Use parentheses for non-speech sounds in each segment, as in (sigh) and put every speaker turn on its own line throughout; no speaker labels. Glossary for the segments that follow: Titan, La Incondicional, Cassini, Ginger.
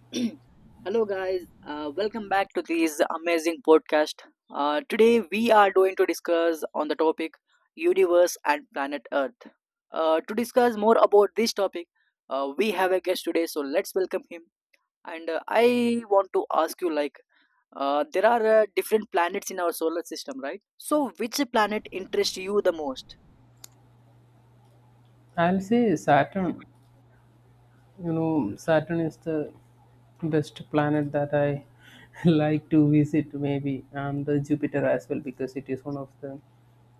(clears throat) Hello, guys. Welcome back to this amazing podcast. Today, we are going to discuss on the topic universe and planet Earth. To discuss more about this topic, we have a guest today, so let's welcome him. And I want to ask you, like, there are different planets in our solar system, right? So, which planet interests you the most?
I'll say Saturn. You know, Saturn is the best planet that I (laughs) like to visit, maybe, and the Jupiter as well, because it is one of the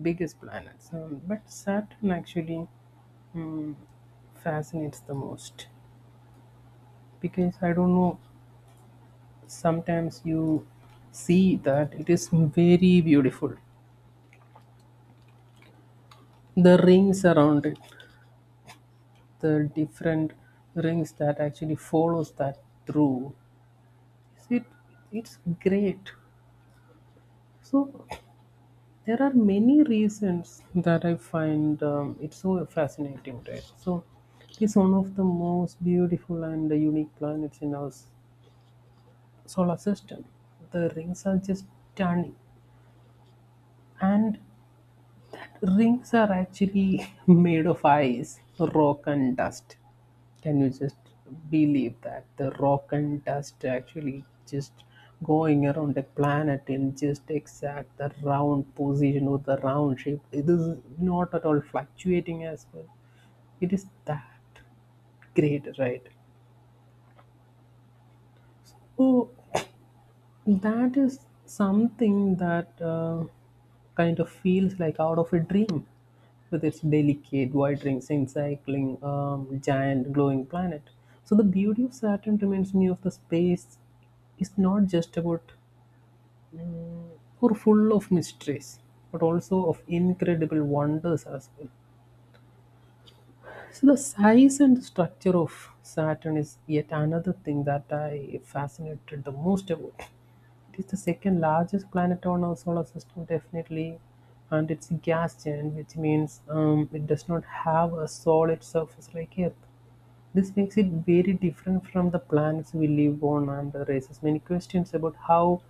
biggest planets. But Saturn actually mm, fascinates the most because I don't know, sometimes you see that it is very beautiful. The rings around it, the different rings that actually follows that through it it's great. So there are many reasons that I find it so fascinating, right? So it's one of the most beautiful and unique planets in our solar system. The rings are just stunning, and rings are actually (laughs) made of ice, rock, and dust. Can you just believe that the rock and dust actually just going around the planet in just exact the round position or the round shape? It is not at all fluctuating as well. It is that great, right? Oh, that is something that kind of feels like out of a dream with its delicate wandering, encircling, giant glowing planet. So the beauty of Saturn reminds me of the space is not just about or full of mysteries, but also of incredible wonders as well. So the size and the structure of Saturn is yet another thing that I fascinated the most about. It is the second largest planet on our solar system, definitely, and it's a gas giant, which means it does not have a solid surface like Earth. This makes it very different from the planets we live on and raises many questions about how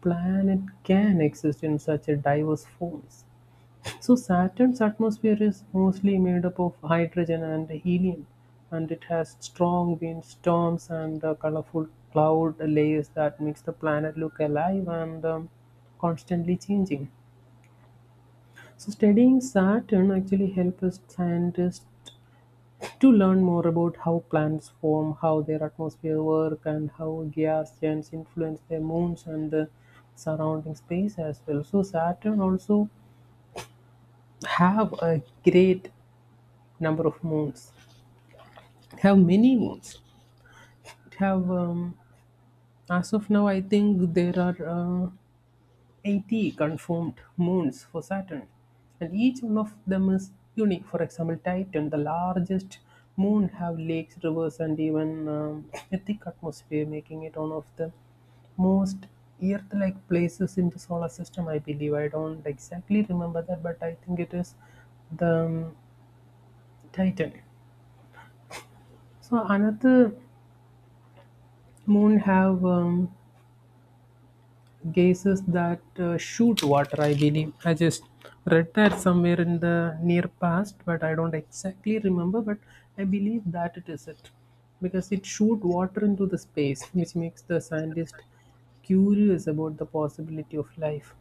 planet can exist in such a diverse forms. So Saturn's atmosphere is mostly made up of hydrogen and helium, and it has strong winds, storms, and colorful cloud layers that makes the planet look alive and constantly changing. So studying Saturn actually helps scientists to learn more about how planets form, how their atmosphere work, and how gas giants influence their moons and the surrounding space as well. So Saturn also have a great number of moons. It have many moons. It have as of now, I think there are 80 confirmed moons for Saturn, and each one of them is unique. For example, Titan, the largest moon, have lakes, rivers, and even a thick atmosphere, making it one of the most Earth-like places in the solar system. I believe I don't exactly remember that, but I think it is the Titan. So another moon have gases that shoot water, I believe. I just read that somewhere in the near past, but I don't exactly remember. But I believe that it is it because it shoot water into the space, which makes the scientist curious about the possibility of life.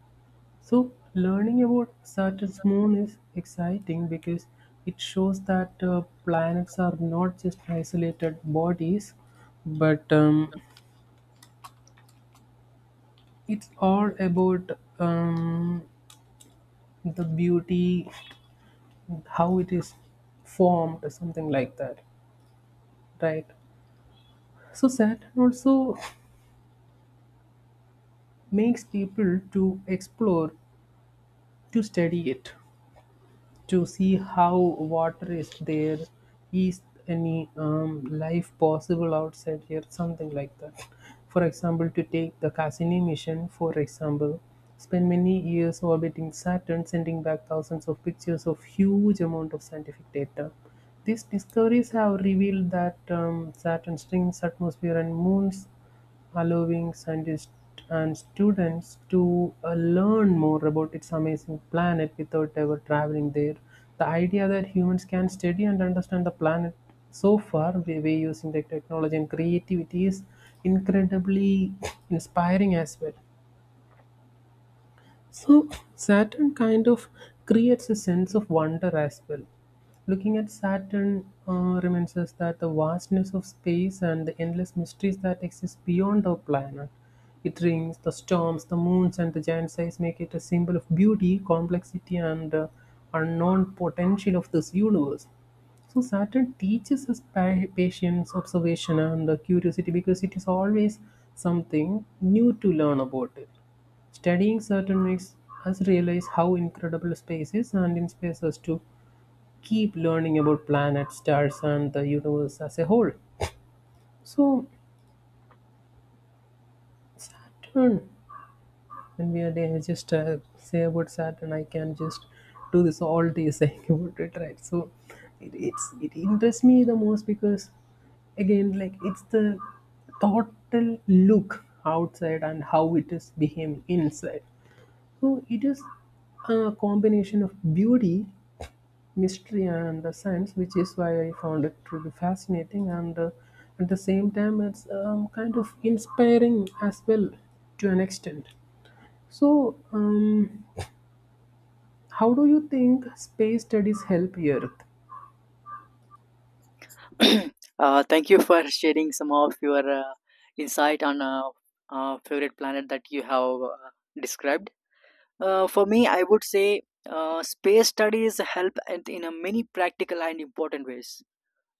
So learning about Saturn's moon is exciting because it shows that planets are not just isolated bodies, but it's all about the beauty, how it is formed, or something like that, right? So Saturn also makes people to explore, to study it, to see how water is there, is any life possible outside here, something like that. For example, to take the Cassini mission, for example, spent many years orbiting Saturn, sending back thousands of pictures of huge amount of scientific data. These discoveries have revealed that Saturn's rings, atmosphere and moons, allowing scientists and students to learn more about its amazing planet without ever traveling there. The idea that humans can study and understand the planet so far by using the technology and creativity is incredibly (coughs) (sniffs) inspiring as well. So, Saturn kind of creates a sense of wonder as well. Looking at Saturn reminds us that the vastness of space and the endless mysteries that exist beyond our planet. It rings, the storms, the moons, and the giant size make it a symbol of beauty, complexity, and unknown potential of this universe. So Saturn teaches us patience, observation, and curiosity because it is always something new to learn about it. Studying Saturn makes us realize how incredible space is and inspires us to keep learning about planets, stars, and the universe as a whole. So, Saturn and we are there, just say about that, and I can just do this all day saying (laughs) about it, right? So it interests me the most because again, like, it's the total look outside and how it is behaving inside. So it is a combination of beauty, mystery and the science, which is why I found it to be fascinating, and at the same time it's kind of inspiring as well, to an extent. So, how do you think space studies help Earth?
(clears throat) Thank you for sharing some of your insight on favorite planet that you have described. For me, I would say space studies help and in a many practical and important ways.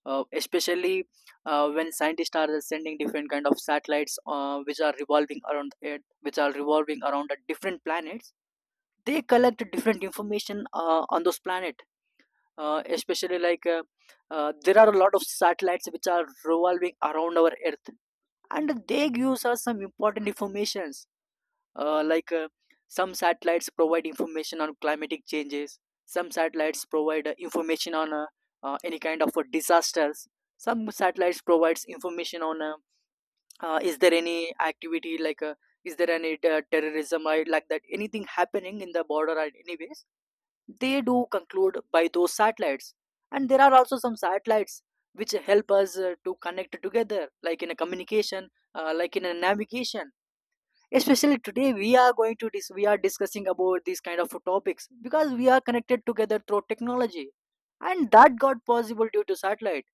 Especially when scientists are sending different kind of satellites which are revolving around it, which are revolving around the different planets, they collect different information on those planets, especially like there are a lot of satellites which are revolving around our earth, and they gives us some important informations. Like, some satellites provide information on climatic changes. Some satellites provide information on any kind of disasters. Some satellites provides information on is there any activity, like is there any terrorism or like that anything happening in the border or anyways, they do conclude by those satellites. And there are also some satellites which help us to connect together, like in a communication, like in a navigation. Especially today, we are going to we are discussing about these kind of topics, because we are connected together through technology, and that got possible due to satellites,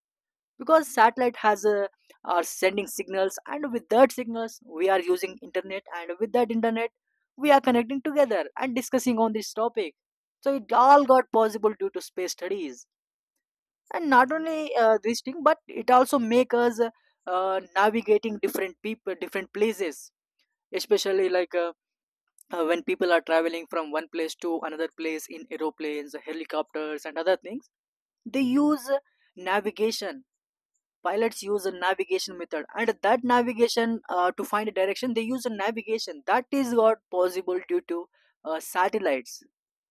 because satellite has a are sending signals, and with that signals we are using internet, and with that internet we are connecting together and discussing on this topic. So it all got possible due to space studies. And not only this thing, but it also make us navigating different people different places, especially like when people are traveling from one place to another place in aeroplanes, helicopters, and other things, they use navigation. Pilots use a navigation method, and that navigation, to find a direction, they use a navigation that is what possible due to satellites.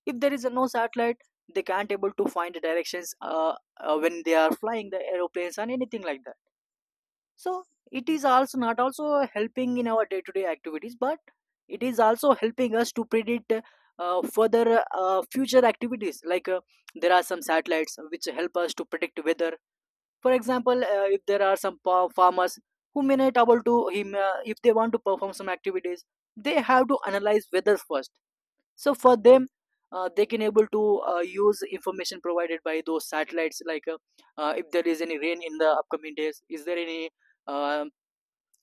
If there is a no satellite, they can't able to find the directions when they are flying the aeroplanes and anything like that. So it is also not also helping in our day to day activities, but it is also helping us to predict further future activities. Like, there are some satellites which help us to predict weather. For example, if there are some farmers who may not able to him, if they want to perform some activities, they have to analyze weather first. So for them, they can able to use information provided by those satellites. Like, if there is any rain in the upcoming days, is there any um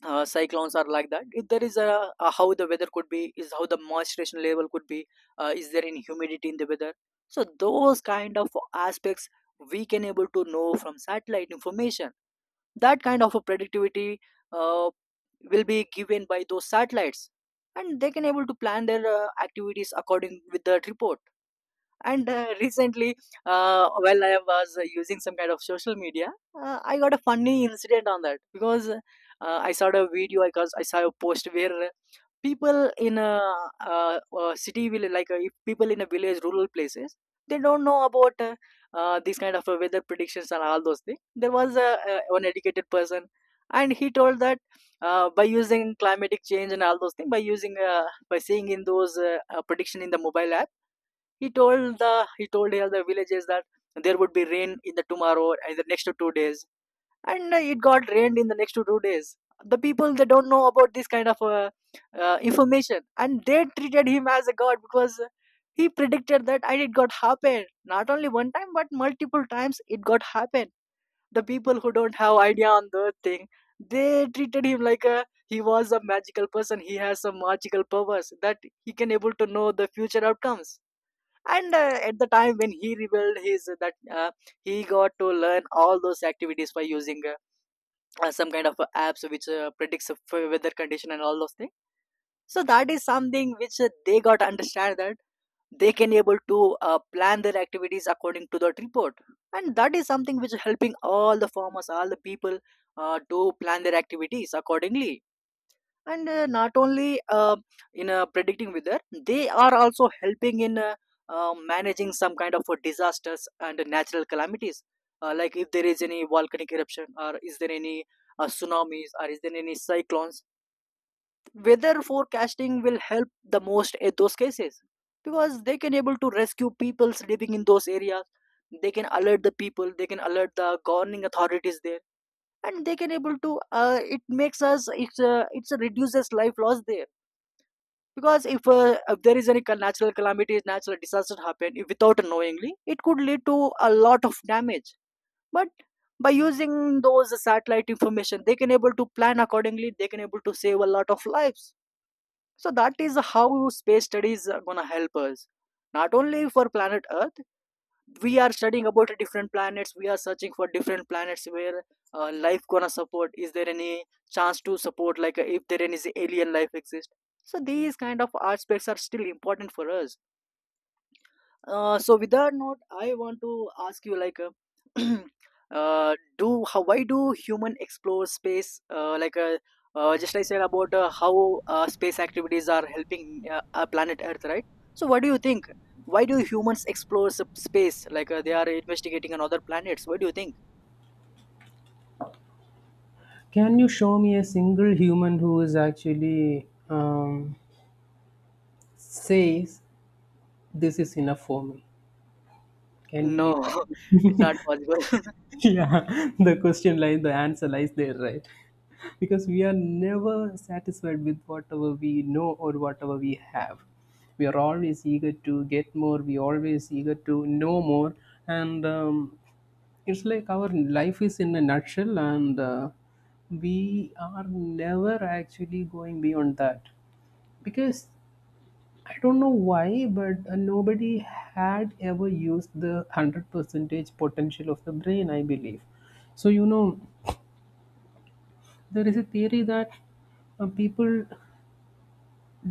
cyclones are like that, if there is a how the weather could be, is how the moisturization level could be, is there any humidity in the weather. So those kind of aspects we can able to know from satellite information. That kind of a productivity uh, will be given by those satellites, and they can able to plan their activities according with that report. And recently, while I was using some kind of social media, I got a funny incident on that, because I saw a video. I cause I saw a post where people in a city, will, like, if people in a village, rural places, they don't know about these kind of weather predictions and all those things. There was a one educated person, and he told that by using climatic change and all those things, by using by seeing in those prediction in the mobile app, he told the he told here the villages that there would be rain in the tomorrow and the next 2 days, and it got rained in the next 2 days. The people, they don't know about this kind of information, and they treated him as a god because he predicted that and it got happened, not only one time but multiple times it got happened. The people who don't have idea on the thing, they treated him like a he was a magical person, he has some magical powers that he can able to know the future outcomes. And at the time when he revealed his that he got to learn all those activities by using some kind of apps which predicts of weather condition and all those things. So that is something which they got to understand, that they can able to plan their activities according to that report. And that is something which is helping all the farmers, all the people, to plan their activities accordingly. And not only in predicting weather, they are also helping in managing some kind of disasters and natural calamities. Like, if there is any volcanic eruption, or is there any tsunamis, or is there any cyclones, weather forecasting will help the most in those cases, because they can able to rescue people living in those areas. They can alert the people, they can alert the governing authorities there, and they can able to it makes us it's a reduces life loss there. Because if there is any natural calamities, natural disaster happen, if without knowingly, it could lead to a lot of damage. But by using those satellite information, they can able to plan accordingly, they can able to save a lot of lives. So that is how space studies are going to help us, not only for planet earth. We are studying about different planets, we are searching for different planets where life gonna support, is there any chance to support, like, if there is alien life exist. So these kind of aspects are still important for us. So with that note, I want to ask you, like, (clears throat) do how why do human explore space? Like, just like I said about how space activities are helping our planet Earth, right? So what do you think? Why do humans explore space? Like, they are investigating on other planets. What do you think?
Can you show me a single human who is actually says this is enough for me? Can you
No,
even,
(laughs) it's not possible.
yeah? (laughs) The question lies, the answer lies there, right? Because we are never satisfied with whatever we know or whatever we have. We are always eager to get more, we always eager to know more. And it's like our life is in a nutshell, and we are never actually going beyond that because I don't know why, but nobody had ever used the 100 percentage potential of the brain, I believe. So, you know, there is a theory that people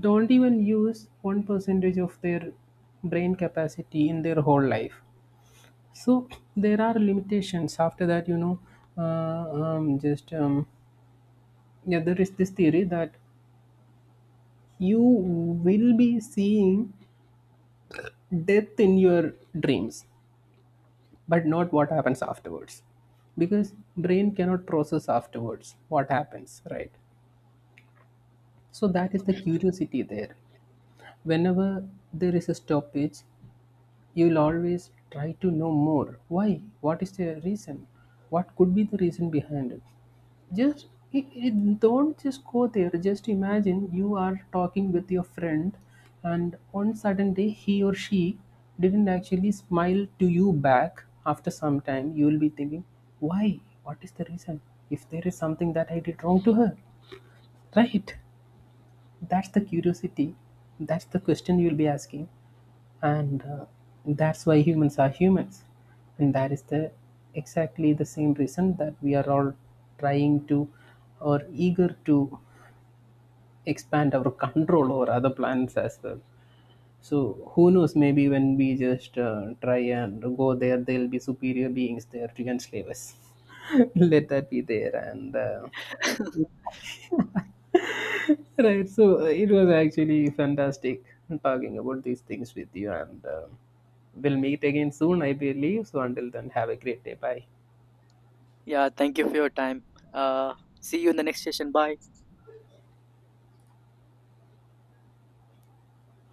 don't even use 1% of their brain capacity in their whole life. So, there are limitations. After that, uh, um, just, um, yeah, there is this theory that you will be seeing death in your dreams but not what happens afterwards, because brain cannot process afterwards what happens, right? So that is the curiosity there. Whenever there is a stoppage, you'll always try to know more. Why? What is the reason? What could be the reason behind it? Just don't just go there. Just imagine you are talking with your friend, and on sudden day he or she didn't actually smile to you back. After some time, you will be thinking, why? What is the reason? If there is something that I did wrong to her, right? That's the curiosity. That's the question you'll be asking. And that's why humans are humans. And that is the exactly the same reason that we are all trying to or eager to expand our (laughs) control over other planets as well. So who knows? Maybe when we just try and go there, there'll be superior beings there to enslave us. (laughs) Let that be there, and right. So it was actually fantastic talking about these things with you, and we'll meet again soon, I believe. So until then, have a great day. Bye.
(laughs) Yeah, thank you for your time. Uh, See you in the next session. Bye.